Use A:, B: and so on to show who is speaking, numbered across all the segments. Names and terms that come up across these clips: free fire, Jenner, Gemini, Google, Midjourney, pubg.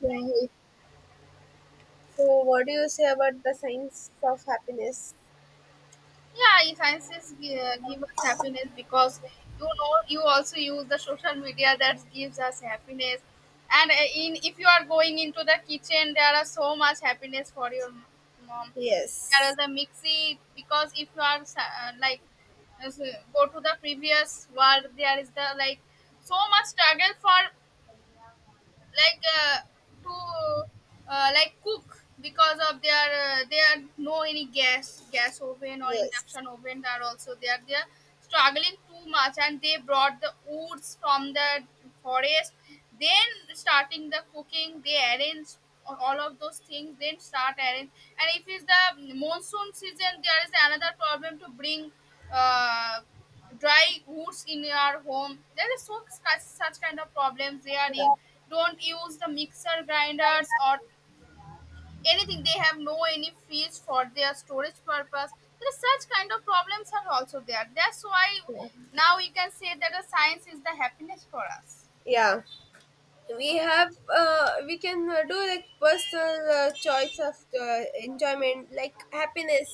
A: Yeah. So, what do you say about the science of happiness?
B: Yeah, influences give us happiness because you know you also use the social media that gives us happiness. And in if you are going into the kitchen there are so much happiness for your mom. There are
A: Yes.
B: the mixie because if you are like as, go to the previous world there is the like so much struggle for like to like cook because of their they are no any gas oven or
A: Yes.
B: induction oven are also there. They are struggling too much and they brought the woods from the forest, then starting the cooking they arrange all of those things then start arrange. And if it's the monsoon season there is another problem to bring uh, dry woods in your home. There is so such kind of problems there, you
A: Yeah.
B: don't use the mixer grinders or anything. They have no any fish for their storage purpose. There is such kind of problems are also there, that's why now you can say that the science is the happiness for us.
A: Yeah, we
B: Yeah,
A: have we can do like personal choice of enjoyment, like happiness.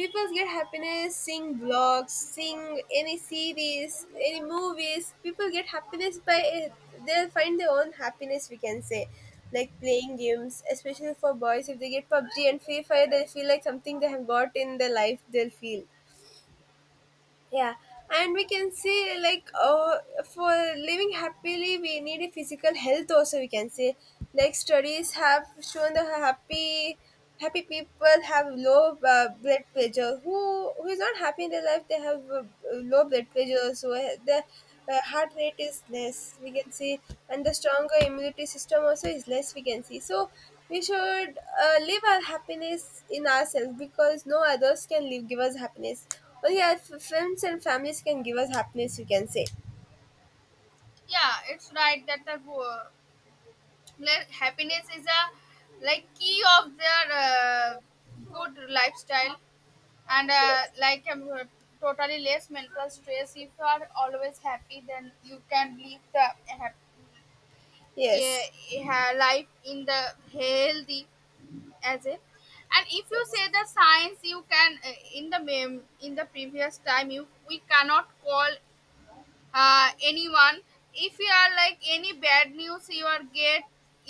A: People get happiness seeing blogs, seeing any series, any movies. People get happiness by it. They'll find their own happiness, we can say, like playing games. Especially for boys, if they get PUBG and Free Fire, they feel like something they have got in their life, they'll feel. Yeah, and we can say like for living happily, we need a physical health also, we can say. Like studies have shown that happy people have low blood pressure. Who is not happy in their life, they have low blood pressure, so the heart rate is less, we can see. And the stronger immunity system also is less, we can see. So we should live our happiness in ourselves, because no others can live give us happiness. Oh yeah, friends and families can give us happiness, you can say.
B: yeah, it's right that the like, happiness is a like key of their good lifestyle. And like totally less mental stress, if you are always happy then you can live the happy eh,
A: Yes,
B: life in the healthy as a. And if you say the science you can in the in the previous time you we cannot call anyone. If you are like any bad news you are get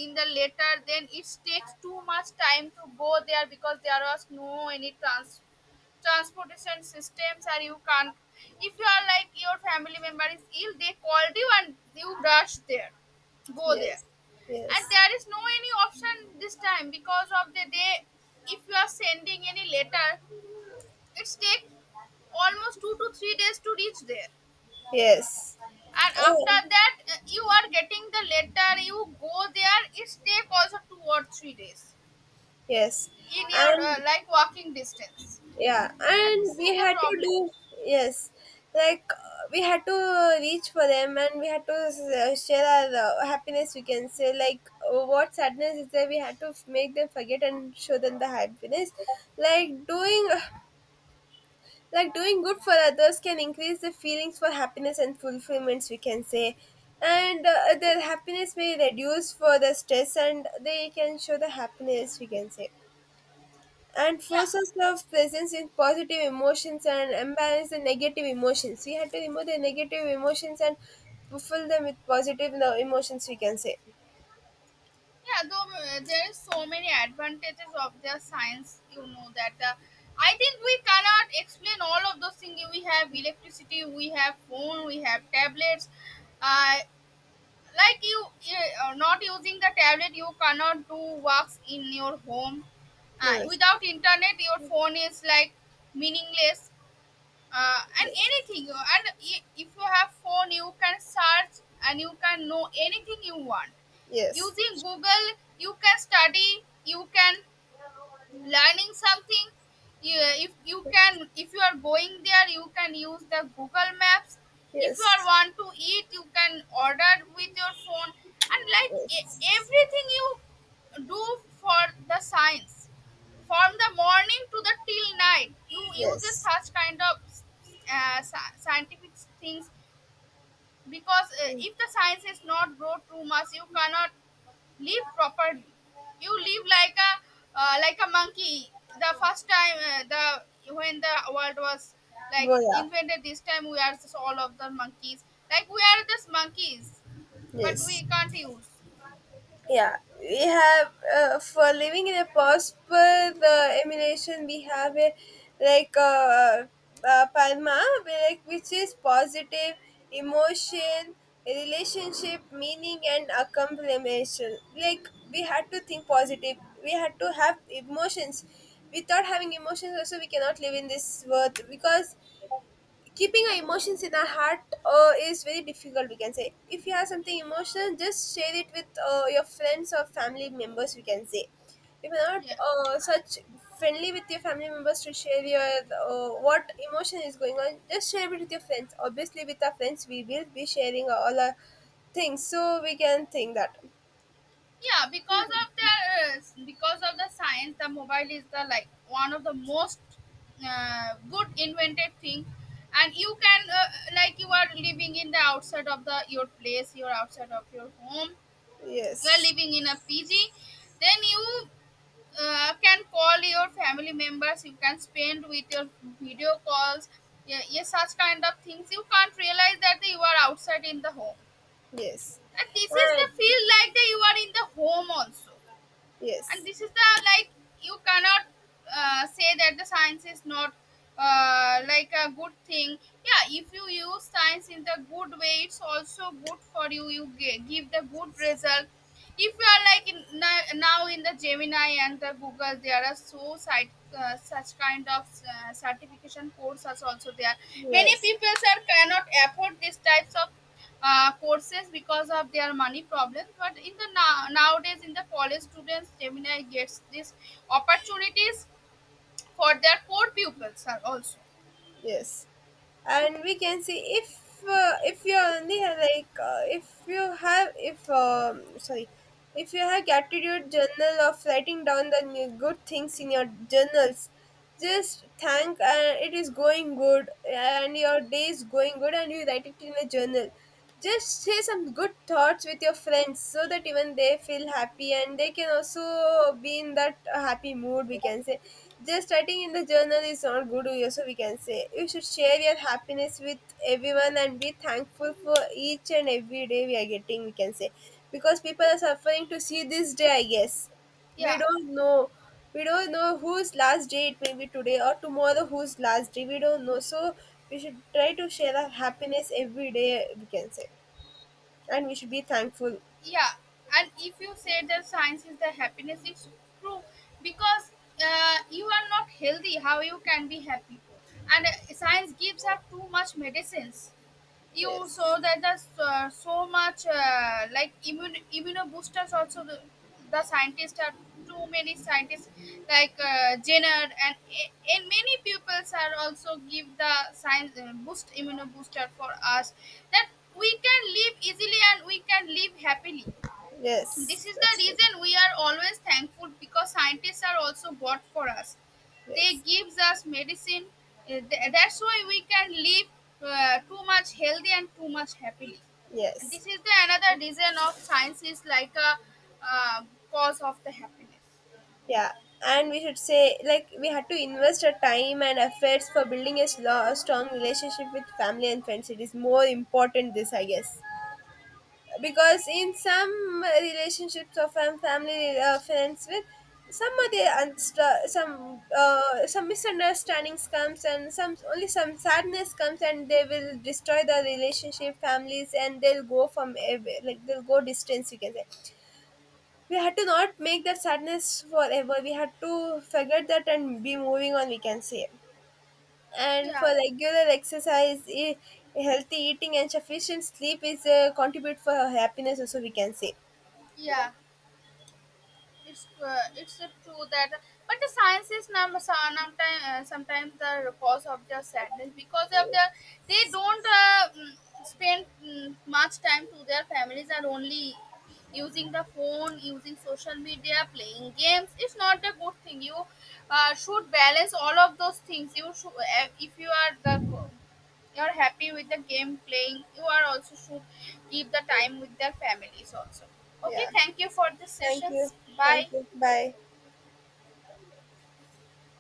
B: in the letter, then it takes too much time to go there because there was no any transportation systems, or you can't if you are like your family member is ill they called you and you rush there, go there.
A: yes, yes,
B: And there is no any option this time because of the day. If you are sending any letter it's take almost 2 to 3 days to reach there.
A: yes,
B: And after
A: oh,
B: that you are getting the letter you go there it's take also 2 or 3 days
A: yes,
B: in your
A: and
B: like walking distance.
A: yeah,
B: And
A: and
B: this is
A: we
B: the
A: had to
B: problem.
A: do. Yes, like we had to reach for them, and we had to share our happiness. We can say like what sadness is there. We had to make them forget and show them the happiness, like doing uh, like doing good for others can increase the feelings for happiness and fulfillments, we can say. And their happiness may reduce for the stress and they can show the happiness, we can say. And
B: Yeah.
A: forces of presence in positive emotions and imbalance the negative emotions. We have to remove the negative emotions and fulfill them with positive, no, emotions, we can say.
B: Yeah, though there is so many advantages of the science, you know that I think we cannot explain all of those things. We have electricity, we have phone, we have tablets. Uh, like you, not using the tablet, you cannot do works in your home.
A: Yes,
B: Without internet, your phone is like meaningless. And anything if you have phone you can search and you can know anything you want
A: yes,
B: using
A: yes,
B: Google. You can study, you can learning something. You, if you can if you are going there you can use the Google maps. If you are
A: yes,
B: want to eat you can order with your phone. And like
A: yes,
B: everything you do for the science from the morning to the till night you uses
A: yes.
B: such kind of scientific things. Because if the science is not grow too much you cannot live properly. You live like a monkey. The first time the when the world was like invented, this time we are just all of the monkeys. Like we are just monkeys, but
A: Yes.
B: we can't use.
A: Yeah, we have for living in a past per the emulation, we have a like palma, we like, which is positive emotion, relationship, meaning and accomplishment. Like we had to think positive, we had to have emotions. Without having emotions also, we cannot live in this world, because keeping our emotions in our heart is very difficult, we can say. If you have something emotional, just share it with your friends or family members, we can say. If you're not
B: Yeah,
A: such friendly with your family members to share your what emotion is going on, just share it with your friends. Obviously with our friends we will be sharing all our things, so we can think that.
B: yeah. Because of the science, the mobile is the like one of the most good invented thing. And you can like you are living in the outside of the your place, you're outside of your home, you are
A: Yes,
B: living in a PG, then you can call your family members. You can spend with your video calls. Yeah, yeah, such kind of things. You can't realize that you are outside in the home,
A: yes,
B: and this is the
A: and
B: feel like that you are in the home also. And
A: yes,
B: this is the like you cannot say that the science is not like a good thing. Yeah, if you use science in the good way it's also good for you, you give the good result. If you are like in, now in the Gemini and the Google there are so site such kind of certification courses also there. Many
A: yes.
B: people sir cannot afford these types of courses because of their money problems. But in the now, nowadays, in the college students, Gemini gets these opportunities for their poor pupils are also.
A: Yes, and we can see if you only have like if you have if sorry, if you have gratitude journal of writing down the new good things in your journals, just thank it is going good and your day is going good and you write it in a journal. Just share some good thoughts with your friends so that even they feel happy and they can also be in that happy mood, we can say. Just writing in the journal is not good, also, we can say. You should share your happiness with everyone and be thankful for each and every day we are getting, we can say. Because people are suffering to see this day, I guess. We
B: Yeah,
A: don't know. We don't know whose last day it may be, today or tomorrow, whose last day. We don't know. So we should try to share our happiness every day, we can say. And we should be thankful.
B: yeah. And if you say that science is the happiness, it's true because you are not healthy. How you can be happy? And science gives us too much medicines, you so
A: Yes.
B: that there's so much like immune immuno boosters also, the scientists are too many scientists, like Jenner and many pupils are also give the science boost immuno booster for us, that we can live easily and we can live happily. This
A: Yes.
B: is the
A: That's true.
B: reason we are always thankful because scientists are also God for us. They
A: Yes.
B: gives us medicine. That's why we can live too much healthy and too much happily. And this
A: Yes.
B: is the another reason of science is like a uh, cause of the happiness.
A: Yeah. And we should say, like, we had to invest our time and efforts for building a a strong relationship with family and friends. It is more important, this, I guess. Because in some relationships of family friends, with some of the some misunderstandings comes and some, only some sadness comes and they will destroy the relationship, families, and they'll go from like they'll go distance, you can say. We had to not make that sadness forever. We had to forget that and be moving on, we can say. And for
B: Yeah,
A: regular exercise, healthy eating and sufficient sleep is contribute for happiness also, we can say.
B: yeah. It's true that, but the science is sometimes sometimes the cause of their sadness because of their
A: Yes.
B: they don't spend much time to their families, are only using the phone, using social media, playing games. It's not a good thing. You should balance all of those things, you should if you are the you're happy with the game playing you are also should keep the time with their families also. Okay,
A: Yeah.
B: thank you for this
A: Thank you.
B: sessions,
A: Thank you.
B: bye.
A: Bye.